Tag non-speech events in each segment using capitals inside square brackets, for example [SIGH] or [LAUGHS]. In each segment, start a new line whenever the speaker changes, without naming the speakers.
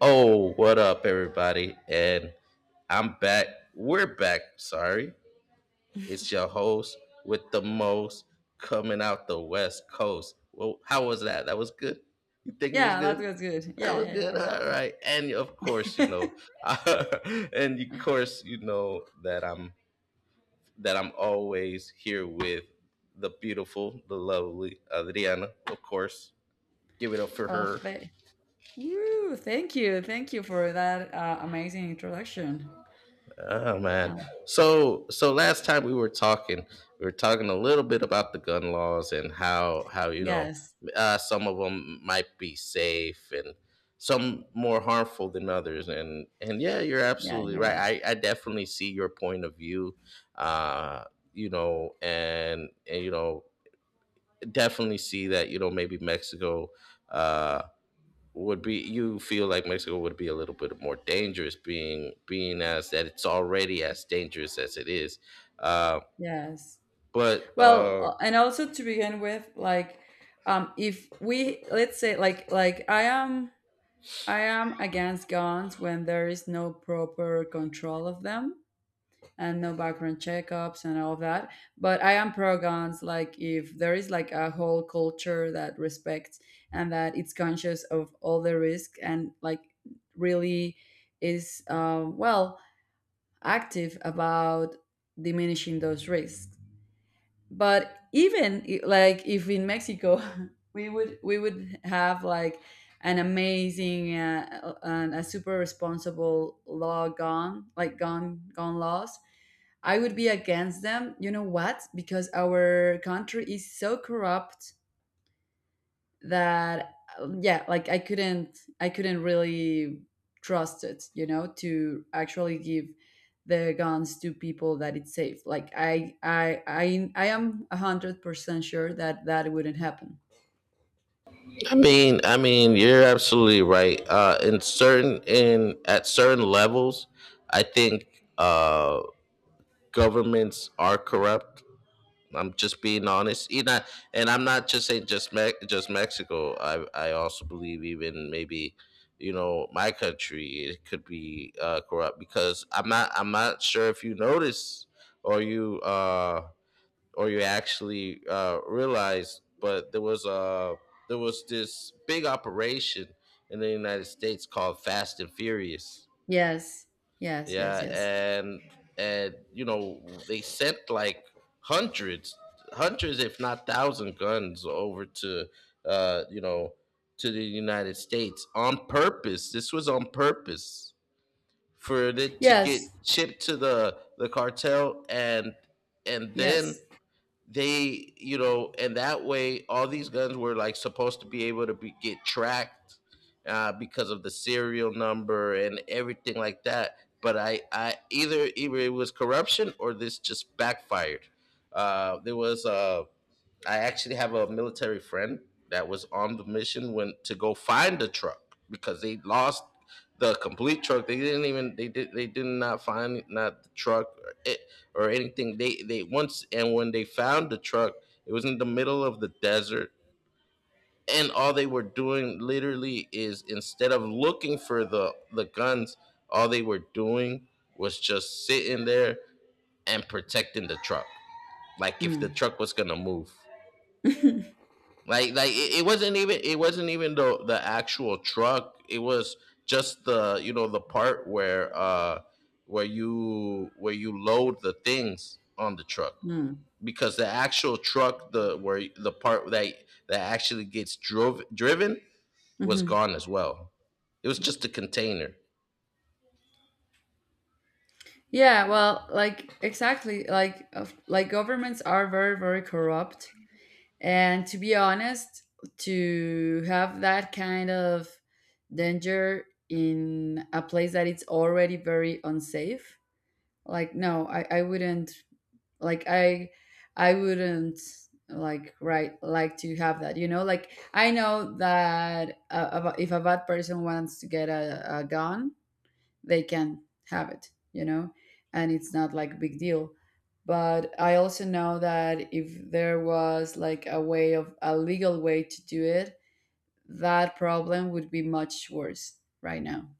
Oh, what up, everybody? And I'm back. We're back. Sorry. It's your host with the most coming out the West Coast. Well, how was that? That was good. You think it was
Yeah, that
good?
was good.
That
Yeah,
was good.
yeah,
All right. And of course, you
yeah.
know, [LAUGHS] and of course, you know that I'm always here with the beautiful, the lovely Adriana. Of course, give it up
[LAUGHS]
for
Oh,
her.
woo, thank you. Thank you for that amazing introduction.
Oh man.
Oh,
So last time we were talking a little bit about the gun laws and how, you know,
yes.
some of them might be safe and some more harmful than others. And yeah, you're
Yeah,
absolutely
you're right.
right. I definitely see your point of view. Uh, you know, and you know, definitely see that, you know, maybe Mexico. Uh, would be, you feel like Mexico would be a little bit more dangerous, being as that it's already as dangerous as it is. Uh,
Yes.
but
Well, and also to begin with, like, if we, let's say, like I am against guns when there is no proper control of them, and no background checkups and all of that. But I am pro guns. Like, if there is like a whole culture that respects and that it's conscious of all the risk and like really is, well, active about diminishing those risks. But like, if in Mexico [LAUGHS] we would have like an amazing and a super responsible law gone like gone gone laws, I would be against them, you know what, because our country is so corrupt that yeah, like I couldn't really trust it, you know, to actually give the guns to people that it's safe. Like I am 100% sure that that wouldn't happen.
I mean, you're absolutely right. In certain in at certain levels, I think, uh, governments are corrupt. I'm just being honest. You know, and I'm not just saying just just Mexico. I also believe, even maybe, you know, my country, it could be corrupt, because I'm not sure if you notice or you, or you actually realize, but there was, there was this big operation in the United States called Fast and Furious.
Yes, yes, yes,
Yeah,
yes,
and you know, they sent like hundreds, hundreds if not thousand guns over to, you know, to the United States on purpose. This was on purpose for it to get
yes,
shipped to the cartel, and then
yes.
they, you know, and that way all these guns were like supposed to be able to be, get tracked, because of the serial number and everything like that, but I either it was corruption or this just backfired. There was a, I actually have a military friend that was on the mission when to go find the truck because they lost the complete truck. They didn't even, they did not find not the truck or, it, or anything. They once, and when they found the truck, it was in the middle of the desert, and all they were doing literally is, instead of looking for the guns, all they were doing was just sitting there and protecting the truck, like if the
mm.
truck was gonna move.
[LAUGHS]
Like it, it wasn't even the actual truck. It was just the, you know, the part where you, where you load the things on the truck,
Mm.
because the actual truck, the where the part that that actually gets drove driven was
hmm
gone as well. It was just a container.
Yeah, well, like exactly, like like governments are very, very corrupt. And to be honest, to have that kind of danger in a place that it's already very unsafe, like no, I wouldn't, like I wouldn't, like right, like to have that, you know. Like I know that if a bad person wants to get a gun, they can have it, you know, and it's not like a big deal. But I also know that if there was like a way, of a legal way to do it, that problem would be much worse right now.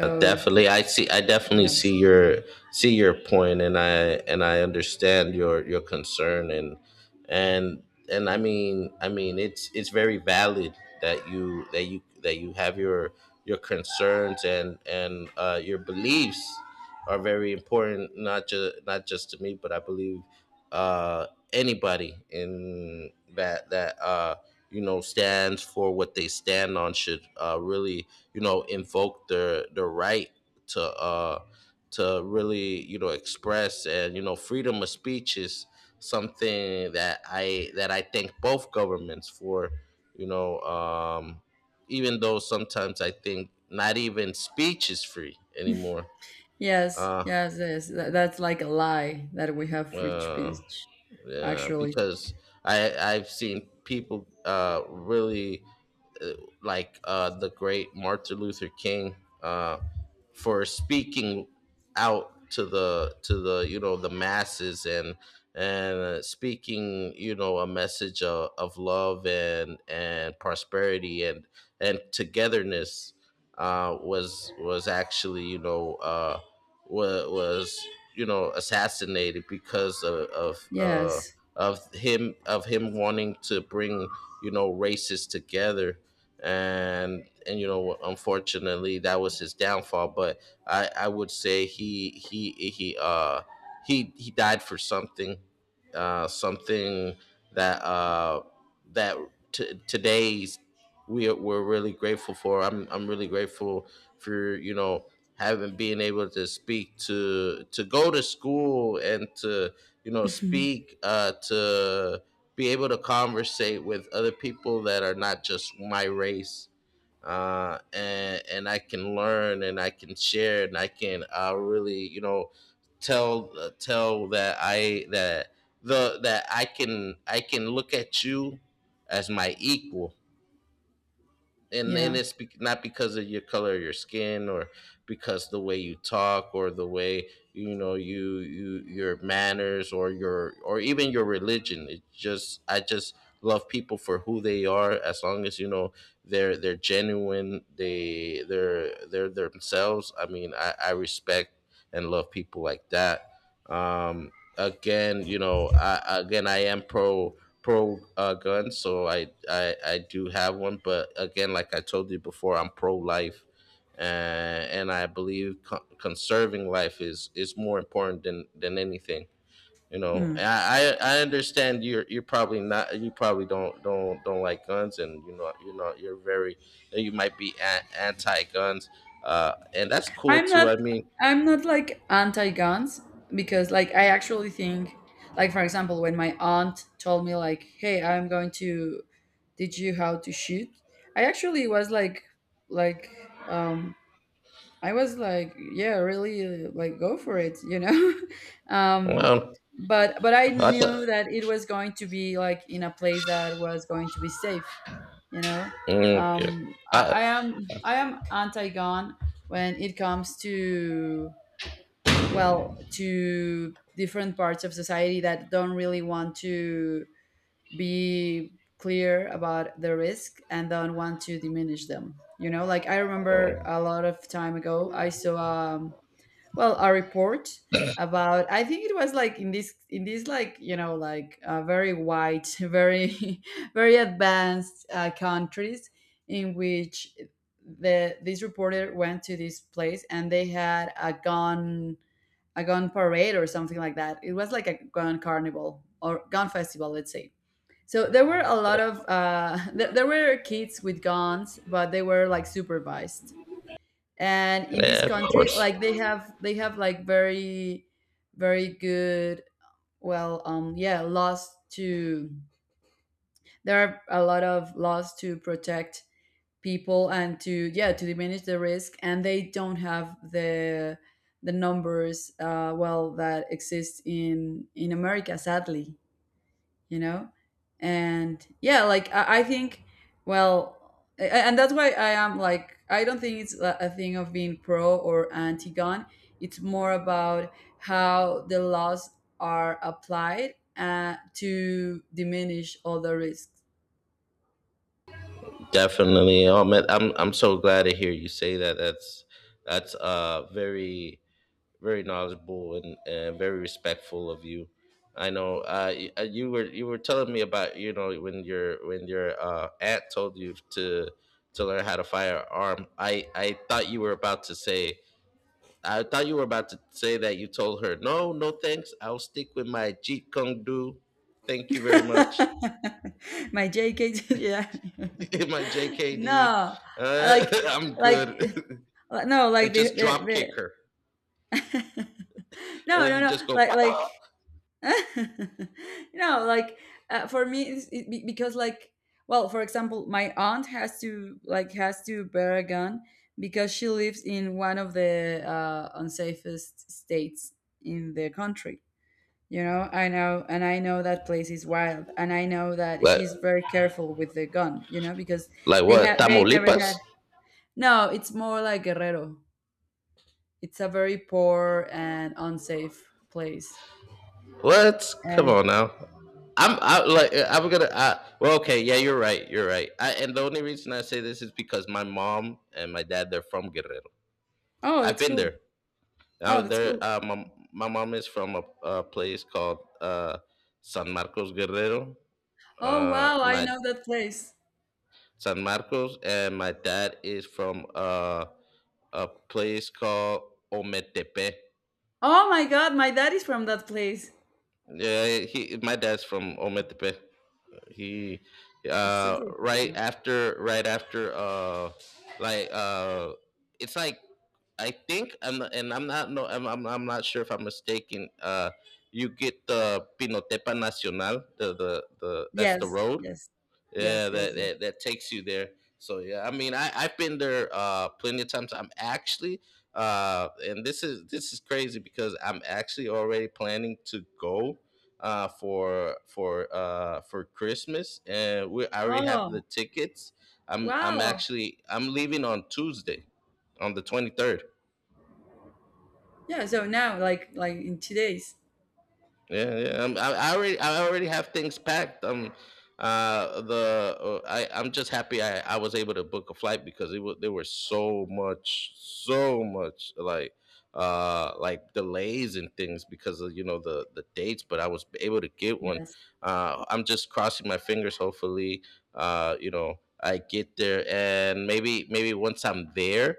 Definitely, I definitely
yes,
see your, see your point, and I understand your concern, and I mean, it's very valid that you have your concerns, and your beliefs are very important, not just to me, but I believe uh anybody in that, you know, stands for what they stand on should really, you know, invoke their, the right to uh to really, you know, express, and you know, freedom of speech is something that I thank both governments for, you know. Even though sometimes I think not even speech is free anymore.
yes,
uh,
yes, yes. That, that's like a lie, that we have free
uh
speech,
Yeah,
actually.
because I I've seen people, really, uh, like, the great Martin Luther King, uh for speaking out to the you know, the masses, and speaking, you know, a message of love and prosperity, and togetherness, was actually, you know, was you know, assassinated because of,
Yes.
of him, wanting to bring, you know, races together. And, you know, unfortunately, that was his downfall, but I would say he, he died for something, something that, that, today's we're really grateful for. I'm really grateful for, you know, having, being able to speak, to go to school, and to, you know,
[LAUGHS]
speak, to be able to conversate with other people that are not just my race, and I can learn, and I can share, and I can, really, you know, tell, tell that I that the that I can, I can look at you as my equal. And
Yeah.
it's not because of your color of your skin, or because the way you talk, or the way, you know, your manners, or your, or even your religion. It's just, I just love people for who they are. As long as, you know, they're genuine they they're themselves, I respect and love people like that. um Again, you know, I, again, I am pro, gun, so I, I do have one. But again, like I told you before, I'm pro life, and I believe conserving life is more important than anything. You know,
Hmm.
I, I understand you're probably not you probably don't like guns, and you know, you're very, you might be anti guns, and that's cool
I'm
too.
not
I mean,
I'm not like anti-guns, because like I actually think, like for example, when my aunt told me like, hey, I'm going to teach you how to shoot, I actually was like, like um I was like, yeah, really, like go for it, you know. [LAUGHS] um,
well,
but I
I thought
knew that it was going to be like in a place that was going to be safe, you know.
okay, I,
I am anti-gun when it comes to, well, to different parts of society that don't really want to be clear about the risk and don't want to diminish them. You know, like I remember
oh,
a lot of time ago, I saw well, a report about, I think it was like in this like, you know, like very white, [LAUGHS] very [LAUGHS] very advanced countries in which the this reporter went to this place, and they had a gun parade or something like that. It was like a gun carnival or gun festival, let's say. So there were a lot of [LAUGHS] there were kids with guns, but they were like supervised. And in this
yeah, of
country,
course.
like they have like very very good, well, yeah, laws to there are a lot of laws to protect people and to, yeah, to diminish the risk. And they don't have the numbers well, that exist in America, sadly, you know. And yeah, like I think, well, and that's why I am like, I don't think it's a thing of being pro or anti gun. It's more about how the laws are applied, to diminish all the risks.
Definitely. Oh man, I'm so glad to hear you say that. That's very very knowledgeable, and very respectful of you. I know you were, you were telling me about, you know, when your, when your aunt told you to learn how to firearm. I thought you were about to say that you told her, no, no thanks, I'll stick with my Jeet Kune Do. Thank you very much.
[LAUGHS] My JK. [LAUGHS] Yeah.
[LAUGHS] my
[LAUGHS]
JKD.
No,
Uh,
like
[LAUGHS] I'm
like,
good. [LAUGHS]
no, like
and just drop kick her.
the [LAUGHS]
And
no,
then
no,
you
no,
just go,
like
what?
like [LAUGHS] you know, like for me because like, well, for example, my aunt has to like has to bear a gun, because she lives in one of the unsafest states in the country, you know. I know, and I know that place is wild, and I know that
Like,
she's very careful with the gun, you know, because
like
they
what?
have they never
Tamaulipas?
had no, it's more like Guerrero. It's a very poor and unsafe place.
What? Come
uh,
on now. I'm I, like I'm gonna I, well okay yeah, you're right, I, and the only reason I say this is because my mom and my dad, they're from Guerrero.
oh,
I've
that's
been there.
cool.
Now
Oh, that's
there,
cool.
my mom is from a place called, San Marcos Guerrero,
Oh wow, I
my
know that place.
San Marcos. And my dad is from, a place called Ometepe.
Oh my God, my dad is from that place.
Yeah, he, my dad's from Ometepe. He,
It's super
right
cool.
after, like uh it's like, I think I'm not, I'm not sure if I'm mistaken. You get the Pinotepa Nacional, the, that's
Yes,
the road.
yes, yes,
Yeah,
yes,
that,
yes.
that takes you there. So yeah, I mean, I I've been there plenty of times. I'm actually, and this is, this is crazy, because I'm actually already planning to go, for Christmas, and we, I already have
Oh
the tickets. I'm
wow.
actually, I'm leaving on Tuesday, on the 23rd.
Yeah. So now, like in 2 days.
Yeah, yeah. I, I already have things packed. The I, I'm just happy I was able to book a flight, because it was, there were so much, so much like, delays and things because of, you know, the dates. But I was able to get one.
Yes.
I'm just crossing my fingers. Hopefully, you know, I get there, and maybe, once I'm there,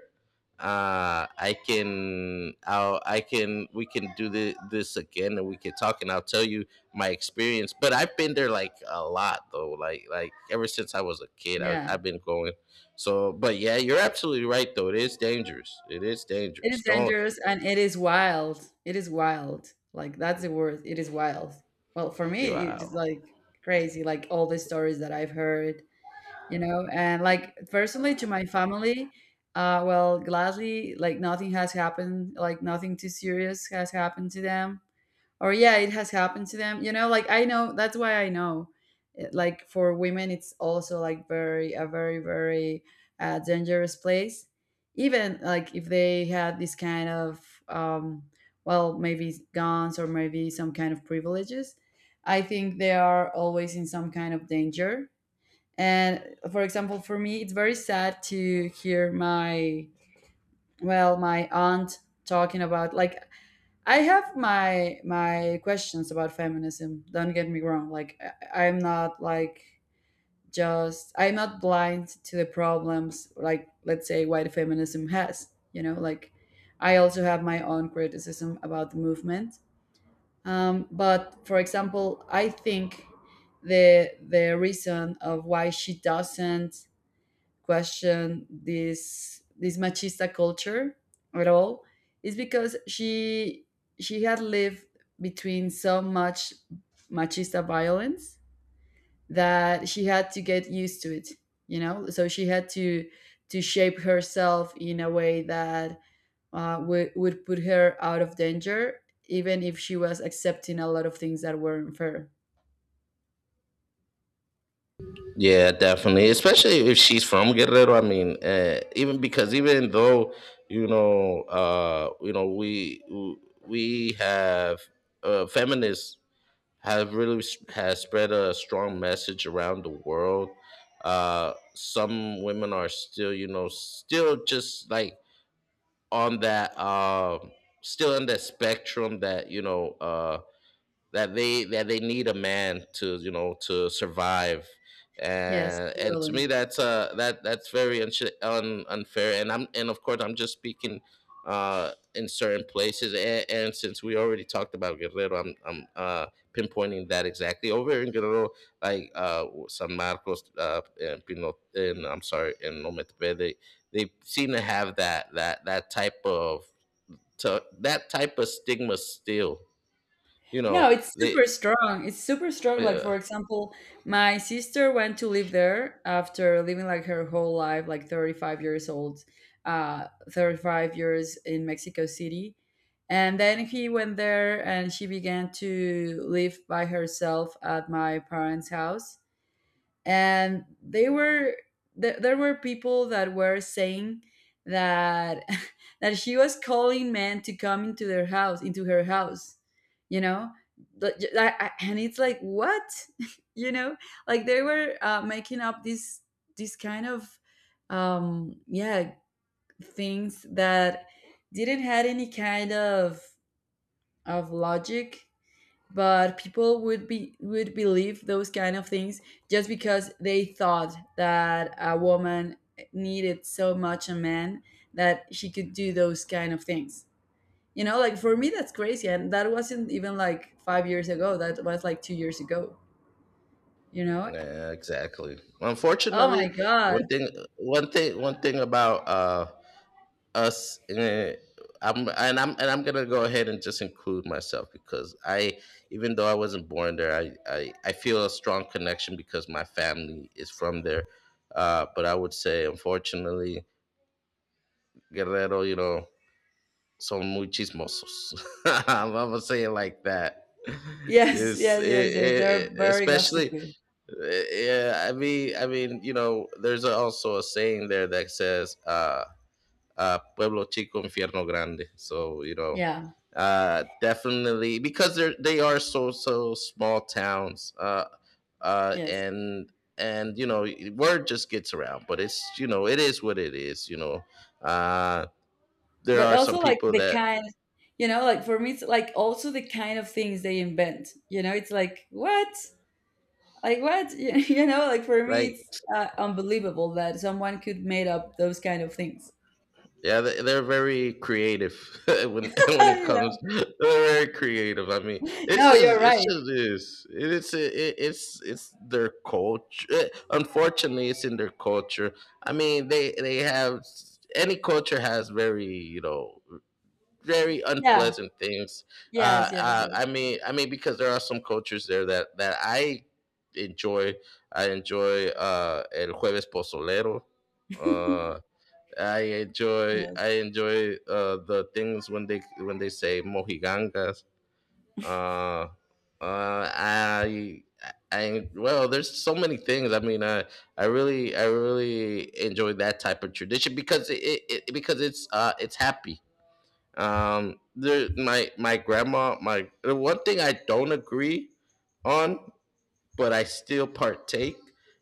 I can, we can do this again, and we can talk, and I'll tell you my experience. But I've been there like a lot, though, like ever since I was a kid,
Yeah.
I've been going. So but yeah, you're absolutely right, though, it is dangerous,
It is
don't.
dangerous, and it is wild. It is wild. Like that's the word. It is wild. Well, for me,
Wow.
it's like crazy. Like all the stories that I've heard, you know, and like personally to my family, well, gladly, like nothing has happened, like nothing too serious has happened to them. Or yeah, it has happened to them, you know. Like I know, that's why I know. It- like for women, it's also like very, a very very dangerous place. Even like if they had this kind of um well, maybe guns or maybe some kind of privileges, I think they are always in some kind of danger. And for example, for me, it's very sad to hear my, well, my aunt talking about, like, I have my my questions about feminism. Don't get me wrong. Like I'm not like, just, I'm not blind to the problems, like, let's say white feminism has. You know, like I also have my own criticism about the movement. But for example, I think the reason of why she doesn't question this machista culture at all is because she had lived between so much machista violence that she had to get used to it, you know, so she had to shape herself in a way that would put her out of danger, even if she was accepting a lot of things that were unfair.
Yeah, definitely, especially if she's from Guerrero. I mean, even, because even though, you know, we have feminists have really has spread a strong message around the world. Some women are still, you know, still just like on that, still on that spectrum that, you know, that they, need a man to, you know, to survive.
Yes,
And to me,
totally.
that's that that's very unfair. And I'm, and of course, I'm just speaking in certain places, and since we already talked about Guerrero, I'm pinpointing that exactly over in Guerrero, like, San Marcos, and Pino, and I'm sorry, in Ometpe, they seem to have that type of that type of stigma still, you
No,
know,
it's
they,
super strong. It's super strong. Like
yeah,
for example, my sister went to live there after living like her whole life, like 35 years old, 35 years in Mexico City. And then he went there, and she began to live by herself at my parents' house. And they were there were people that were saying that [LAUGHS] that she was calling men to come into her house, you know. But and it's like, what? [LAUGHS] You know, like they were making up this kind of yeah, things that didn't had any kind of logic. But people would be would believe those kind of things, just because they thought that a woman needed so much a man, that she could do those kind of things, you know. Like for me, that's crazy, and that wasn't even like 5 years ago. That was like 2 years ago, you know.
yeah, exactly.
Oh my
Unfortunately,
God.
one thing, one thing about us, I'm gonna go ahead and just include myself because, even though I wasn't born there, I feel a strong connection because my family is from there. But I would say, unfortunately, Guerrero, son muy chismosos. [LAUGHS] I'm gonna say it like that.
Yes,
It's
yes,
it,
yes, yes,
it,
they're
it-
very
Especially,
gossipy.
yeah. I mean, there's also a saying there that says, "Pueblo chico, infierno grande." So
Yeah,
definitely, because they are so small towns, uh,
yes.
and and word just gets around. But it's, it is what it is. Uh, there
But
are some
also like
people
the
that,
kind, you know, like for me, it's like also the kind of things they invent. You know, it's like, what? Like what? [LAUGHS] Know, like for me
like,
it's unbelievable that someone could made up those kind of things.
yeah, they're very creative [LAUGHS]
[LAUGHS]
when [LAUGHS] when it
Yeah.
comes. They're very creative. I mean, it's
No, you're
just it's
right.
just this. It's it, it's their culture. Unfortunately, it's in their culture. I mean, they have any culture has very, very
Yeah,
unpleasant things.
yes, yes, yes.
I mean, I mean, because there are some cultures there that I enjoy. I enjoy el jueves pozolero. Uh,
[LAUGHS]
I enjoy
Yes,
I enjoy the things when they say mojigangas. Uh, uh, I I Well, there's so many things. I mean, I really enjoy that type of tradition because it's happy. There, my my grandma my The one thing I don't agree on, but I still partake,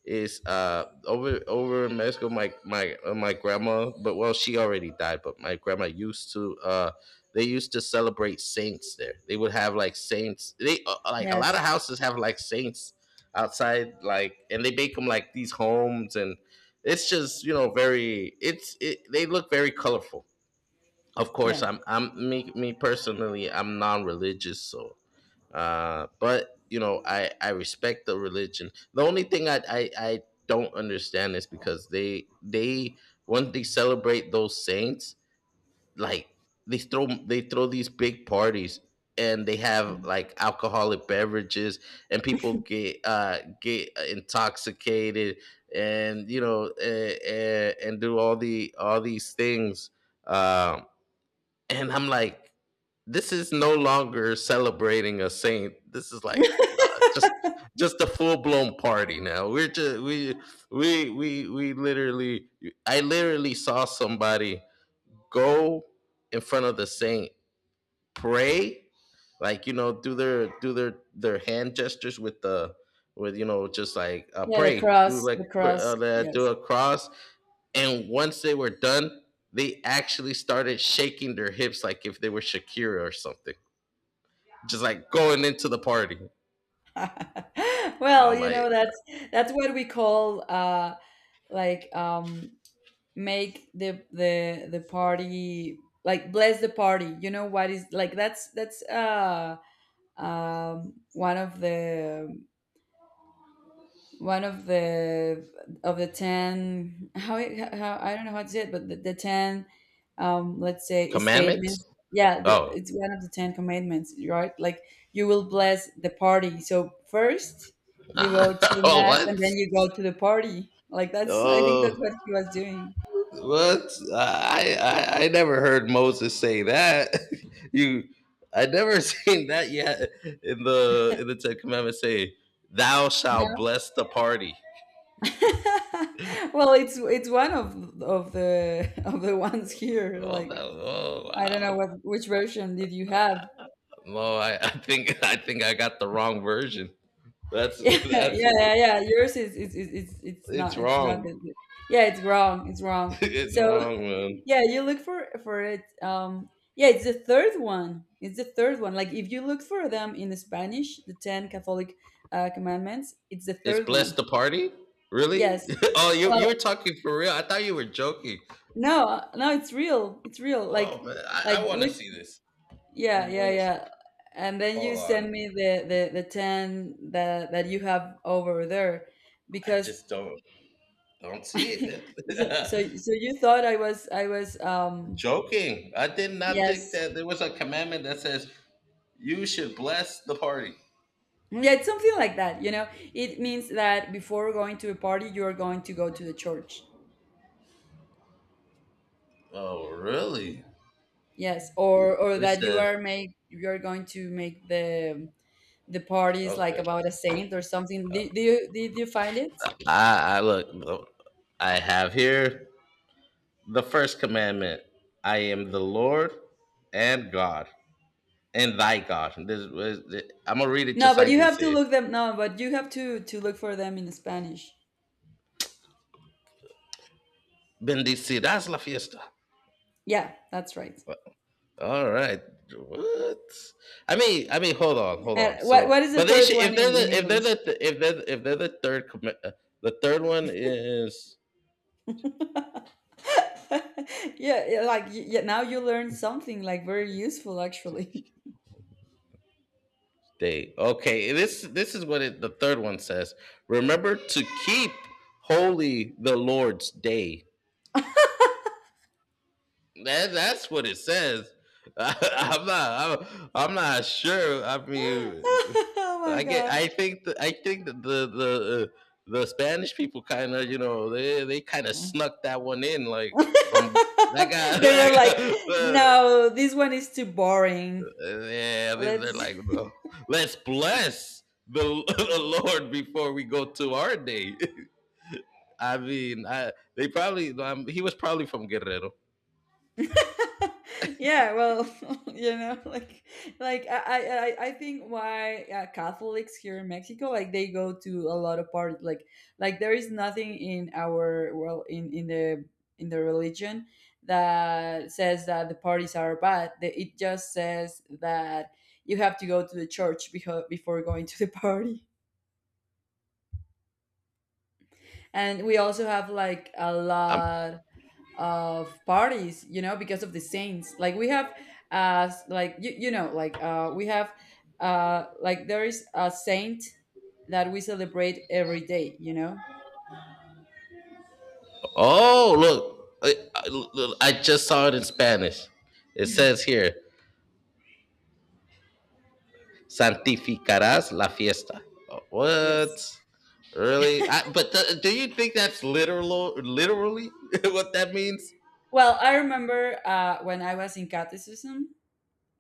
is over in Mexico. My grandma— but well, she already died— but my grandma used to, they used to celebrate saints there. They would have like saints. They, like, a lot
yes.
of houses have like saints outside, like, and they make them like these homes, and it's just you know very it's it, they look very colorful. Of
Yeah.
course, I'm me me personally, I'm non-religious. So, but, I respect the religion. The only thing I don't understand is, because they once they celebrate those saints, like, they throw these big parties, and they have, like, alcoholic beverages, and people get intoxicated, and and do all these things. um and I'm like, this is no longer celebrating a saint. This is like,
[LAUGHS]
just just a full blown party now. We're just we literally I literally saw somebody go in front of the saint, pray, like, do their hand gestures with, you know just like
Yeah, the
pray,
cross, the cross,
do
yes.
a cross, and once they were done, they actually started shaking their hips like if they were Shakira or something, just like going into the party.
[LAUGHS] Well,
I'm
you
like,
know, that's what we call like, make the party, like bless the party, you know, what is, like, that's one of the one of the of the 10, how, I don't know how to say it, but the 10, let's say,
commandments?
statements. Yeah,
Oh,
it's one of the 10 commandments, right? Like you will bless the party, so first you go to
[LAUGHS]
the
oh,
mass,
what?
and then you go to the party. Like that's, I think that's
Oh,
what he was doing.
what? I never heard Moses say that. [LAUGHS] you, I never [LAUGHS] seen that yet in the Ten Commandments. Say, "Thou shalt
No.
bless the party."
[LAUGHS] Well, it's one of the [LAUGHS] of the ones here,
Oh, that,
like,
oh,
I don't know
wow.
what, which version did you have?
No, I think [LAUGHS] I think I got the wrong version. That's
Yeah,
[LAUGHS]
[LAUGHS] yeah,
that's
yeah, yeah. Yours is, it's
it's
not, it's not
wrong.
the-
[LAUGHS]
yeah, it's wrong. It's wrong.
It's
So,
wrong, man.
[LAUGHS] yeah, you look for it. Um, yeah, it's the third one. It's the third one. Like if you look for them in Spanish, the ten Catholic commandments, it's the
It's
third
bless
one.
the party. Really?
Yes.
[LAUGHS] Oh, you were
Well,
talking for real. I thought you were joking.
no, no, it's real. It's real. Like
Oh, man, I,
like
I want to
look,
see this. I
yeah, yeah,
want to
yeah. And then you
Hold
send me
on.
the 10 that that you have over there,
I
because
just don't see it,
[LAUGHS] So,
man.
you thought I was,
[LAUGHS] Joking. I did not think
yes,
that there was a commandment that says you should bless the party.
yeah, it's something like that. You know, it means that before going to a party, you are going to go to the church.
Oh, really?
Yes, or
It
that you
says
are make, you are going to make the parties like
Okay.
about a saint or something. Do, do you, did you find it?
I look. I have here: the first commandment, "I am the Lord and God, and thy God." I'm going to read it
No,
just
but
like
you
they
have to
say.
look them. No, but you have to look for them in Spanish.
Bendecidas la fiesta.
Yeah, that's right.
All right. What? I mean, hold on, hold
And
on.
what
So,
what is the
but they
third
should,
one
if they're
in
the if they're
English?
the if they're the third commit the third one is,
[LAUGHS] Yeah, yeah, now you learned something like very useful, actually.
day. Okay. This is what the third one says. Remember to keep holy the Lord's day. That's what it says. [LAUGHS] I am not. I'm not sure. I
[LAUGHS]
mean,
Oh my
I get.
God.
I think. I think that the the Spanish people kind of, they kind of snuck that one in, like, from that
[LAUGHS]
guy. [LAUGHS]
They were like,
That guy,
"No, this one is too boring.
yeah, they're
Let's—"
like, no, let's bless the, [LAUGHS] the Lord before we go to our day. [LAUGHS] I mean, I they probably. He was probably from Guerrero.
[LAUGHS] Yeah, well. [LAUGHS] you know like I think, why Catholics here in Mexico, like, they go to a lot of parties. Like there is nothing in our, well, in the religion that says that the parties are bad. It just says that you have to go to the church before going to the [LAUGHS] party. And we also have like a lot of parties because of the saints. Like, we have like we have like, there is a saint that we celebrate every day.
Oh, look. Look, I just saw it in Spanish. It says here, santificarás la fiesta. Oh, what?
Yes.
Really? But, do you think that's literal, literally [LAUGHS] what that means?
Well, I remember, when I was in catechism,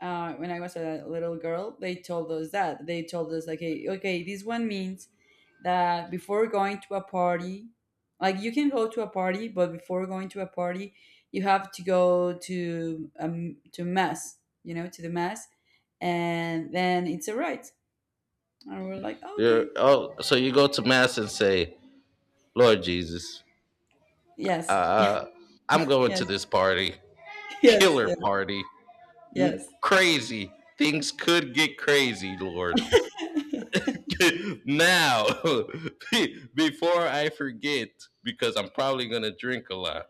when I was a little girl, they told us that. They told us, like, hey, okay, this one means that before going to a party, like, you can go to a party, but before going to a party, you have to go to to mass, to the mass, and then it's a right. And we're like, "Oh, okay,
Oh, so you go to mass and say, Lord Jesus,
yes,
uh, I'm going to
yes."
this party,
[LAUGHS] Yes,
killer
yes,
party,
yes.
crazy. Things could get crazy, Lord. [LAUGHS] Now, [LAUGHS] before I forget, because I'm probably gonna drink a lot.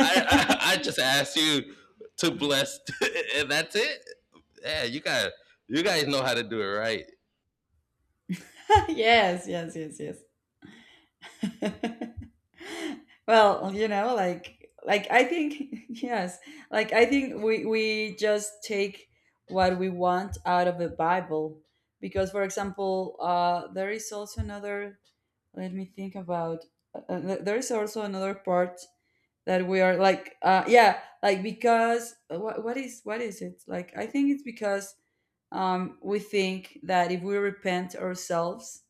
I I, I just ask you to bless, [LAUGHS] and that's it. Yeah, you guys know how to do it right.
Yes, yes, yes, yes. [LAUGHS] Well, I think. [LAUGHS] Yes, like I think we just take what we want out of the Bible, because for example, there is also another. Let me think about there is also another part that we are like, yeah, like, because, what, what is it, like, I think it's because we think that if we repent ourselves,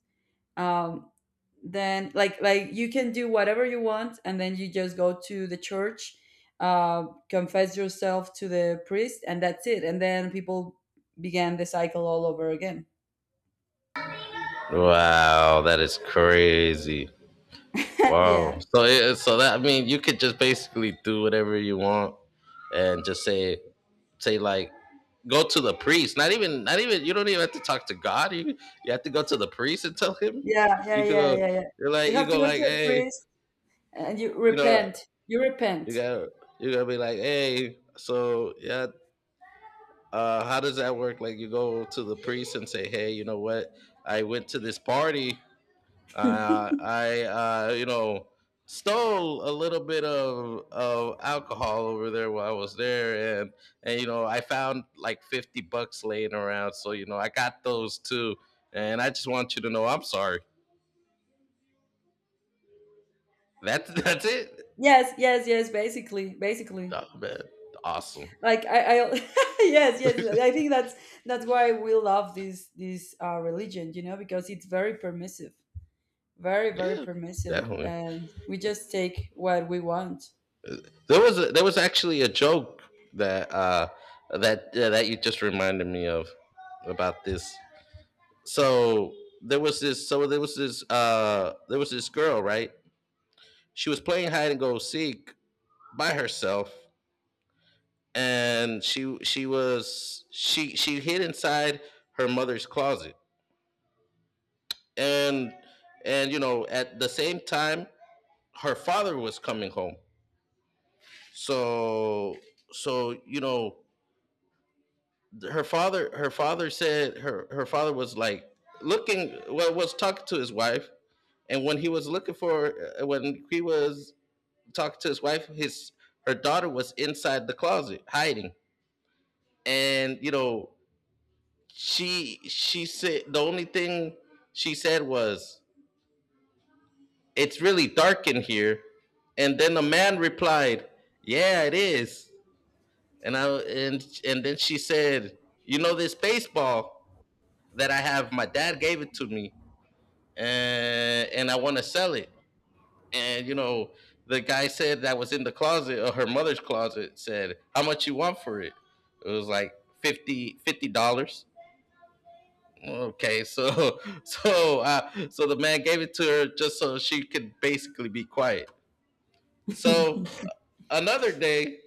um, then like you can do whatever you want, and then you just go to the church, uh, confess yourself to the priest, and that's it, and then people began the cycle all over again.
Wow, that is crazy.
Yeah,
Wow. So that, I mean, you could just basically do whatever you want, and just say, like, go to the priest. Not even— you don't even have to talk to God. You have to go to the priest and tell him.
yeah, yeah,
You
yeah,
go
yeah, yeah, you
you
have to
go,
go to
like,
a
hey,
priest and you
you know
repent. You repent.
you gotta you gotta be like, hey, so, yeah, how does that work? Like, you go to the priest and say, hey, you know what, I went to this party. I, stole a little bit of alcohol over there while I was there, and, I found like $50 laying around, so, I got those too. And I just want you to know, I'm sorry. That's [LAUGHS] that's it.
Yes, yes, yes, basically, basically,
Oh, man, awesome.
like I. [LAUGHS] Yes, yes, I think that's why we love this religion, because it's very permissive. Very, very
Yeah,
permissive,
definitely.
and we just take what we want.
There was actually a joke that uh that you just reminded me of, about this. So there was this. So there was this. There was this girl, right? She was playing hide and go seek by herself, and she was she hid inside her mother's closet, and at the same time her father was coming home. So so, her father, said, her father was like looking— well, was talking to his wife— and when he was talking to his wife, His her daughter was inside the closet hiding, and, she said, the only thing she said was, it's really dark in here, and then the man replied, "Yeah, it is." And I And then she said, "You know, this baseball that I have, my dad gave it to me, and I want to sell it." And, the guy said— that was in the closet, or her mother's closet— said, how much you want for it? It was like 50 dollars. Okay. [LAUGHS] So the man gave it to her, just so she could basically be quiet. So, another day,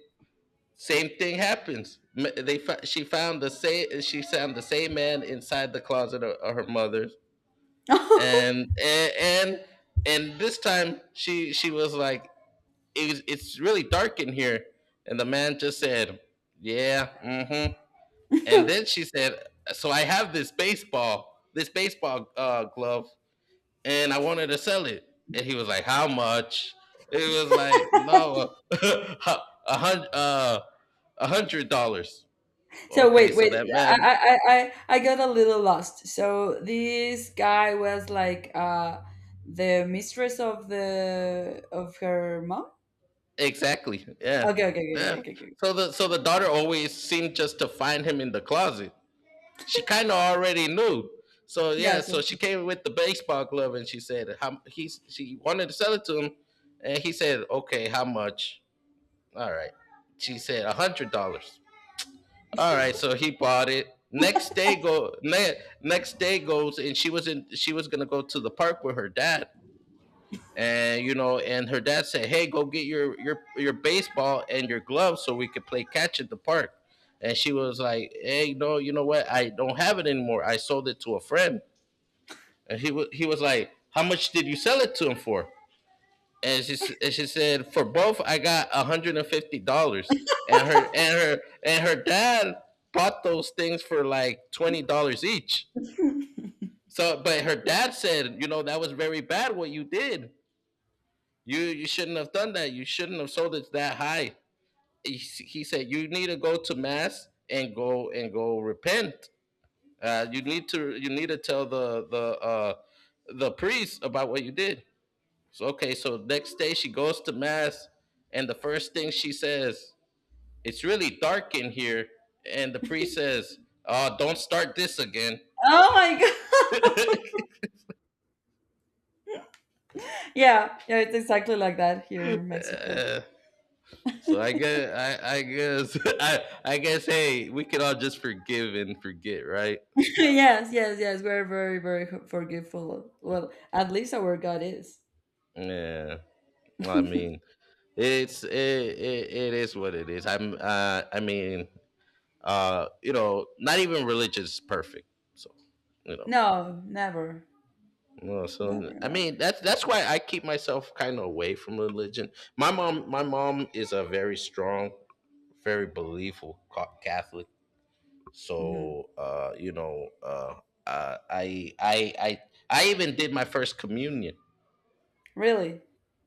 same thing happens. They She found the same man inside the closet of her mother's,
[LAUGHS]
and this time she was like, it's really dark in here. And the man just said, yeah, mm-hmm. And then she said, so I have this baseball, glove, and I wanted to sell it. And he was like, how much? It was like, no, [LAUGHS] a hundred, uh, $100.
So,
Okay,
wait,
so
wait. I got a little lost. So this guy was like, the mistress of the of her mom?
exactly, yeah,
Okay, okay, okay, okay,
yeah.
okay. Okay.
So the daughter always seemed just to find him in the closet. She kind of already knew. So,
Yeah,
yeah,
so—
so she came with the baseball glove and she said how he she wanted to sell it to him, and he said, "Okay, how much?" All right, she said $100. All right, so he bought it. Next day goes, and she was gonna go to the park with her dad, and, and her dad said, hey, go get your baseball and your gloves so we could play catch at the park. And she was like, hey, no, you know what, I don't have it anymore, I sold it to a friend. And he was like, how much did you sell it to him for? And she, and she said, for both I got $150. And her dad bought those things for like $20 each.
[LAUGHS]
So, but her dad said, that was very bad what you did. You shouldn't have done that. You shouldn't have sold it that high. He said, you need to go to mass and go repent. You need to tell the priest about what you did. So, okay, so next day she goes to mass, and the first thing she says, "It's really dark in here," and the priest says, "Oh, don't start this again."
Oh my God.
[LAUGHS]
Yeah, yeah, it's exactly like that here in Mexico.
Uh, so I guess [LAUGHS] I guess, hey, we can all just forgive and forget, right?
[LAUGHS] Yes, yes, yes, we're very, very forgiveful. Well, at least our God is.
Yeah, I mean, it is what it is. I mean, not even religious is perfect. So, you know,
No, never,
no. So
never,
I
never.
mean, that's why I keep myself kind of away from religion. My mom is a very strong, very believeful Catholic.
Mhm.
So, uh, I I I I even did my first communion.
Really?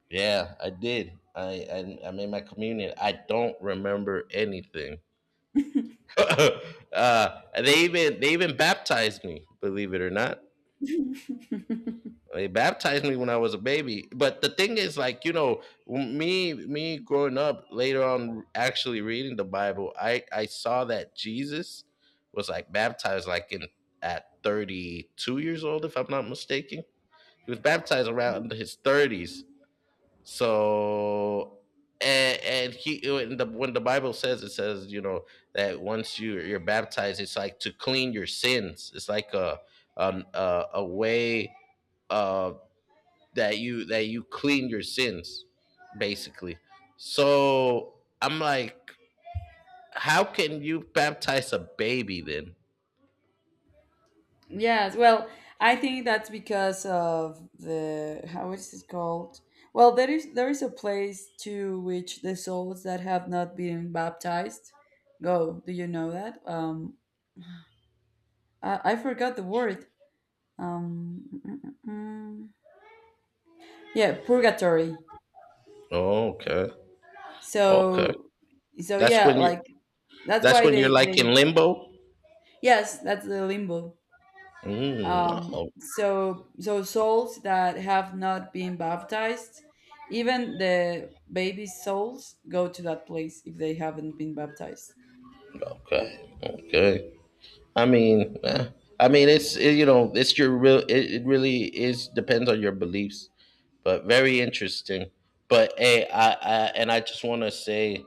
Yeah, I did. I made my communion. I don't remember anything. [LAUGHS] They even baptized me. Believe it or not,
[LAUGHS]
they baptized me when I was a baby. But the thing is, like, me growing up later on, actually reading the Bible, I saw that Jesus was, like, baptized, like, in at 32 years old, if I'm not mistaken. He was baptized around his 30s. So, and he when the Bible says, it says that once you're baptized, it's like to clean your sins. It's like a, a way, uh, that you clean your sins, basically. So I'm like, how can you baptize a baby then?
Yes. Well, I think that's because of the how is it called? Well, there is a place to which the souls that have not been baptized go. Do you know that? I forgot the word. Um, mm, mm, mm. Yeah, purgatory.
Oh, okay, okay.
So, so,
That's
yeah,
when you
like,
are
that's
that's
why
when you're
they
like
they
in limbo.
Yes, that's the limbo.
Mm, oh,
So souls that have not been baptized, even the baby souls, go to that place if they haven't been baptized.
okay, okay. I mean. Eh. I mean, it's your real. It really is, depends on your beliefs, but very interesting. But hey, I just want to say,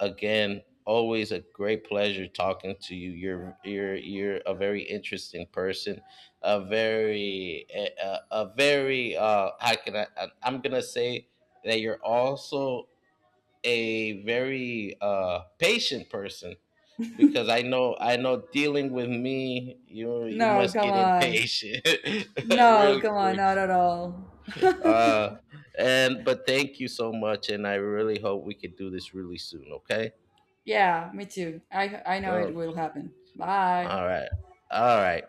again, always a great pleasure talking to you. You're a very interesting person, a very, how can I- I'm gonna say, that you're also a very patient person, because I know, dealing with me, you
No,
must
come
get
on.
impatient [LAUGHS]
No,
really
come on,
quick.
not at all. [LAUGHS]
Uh, and, but thank you so much, and I really hope we could do this really soon. Okay.
Yeah, me too. I know it
Oh,
will happen. Bye.
all right. All right.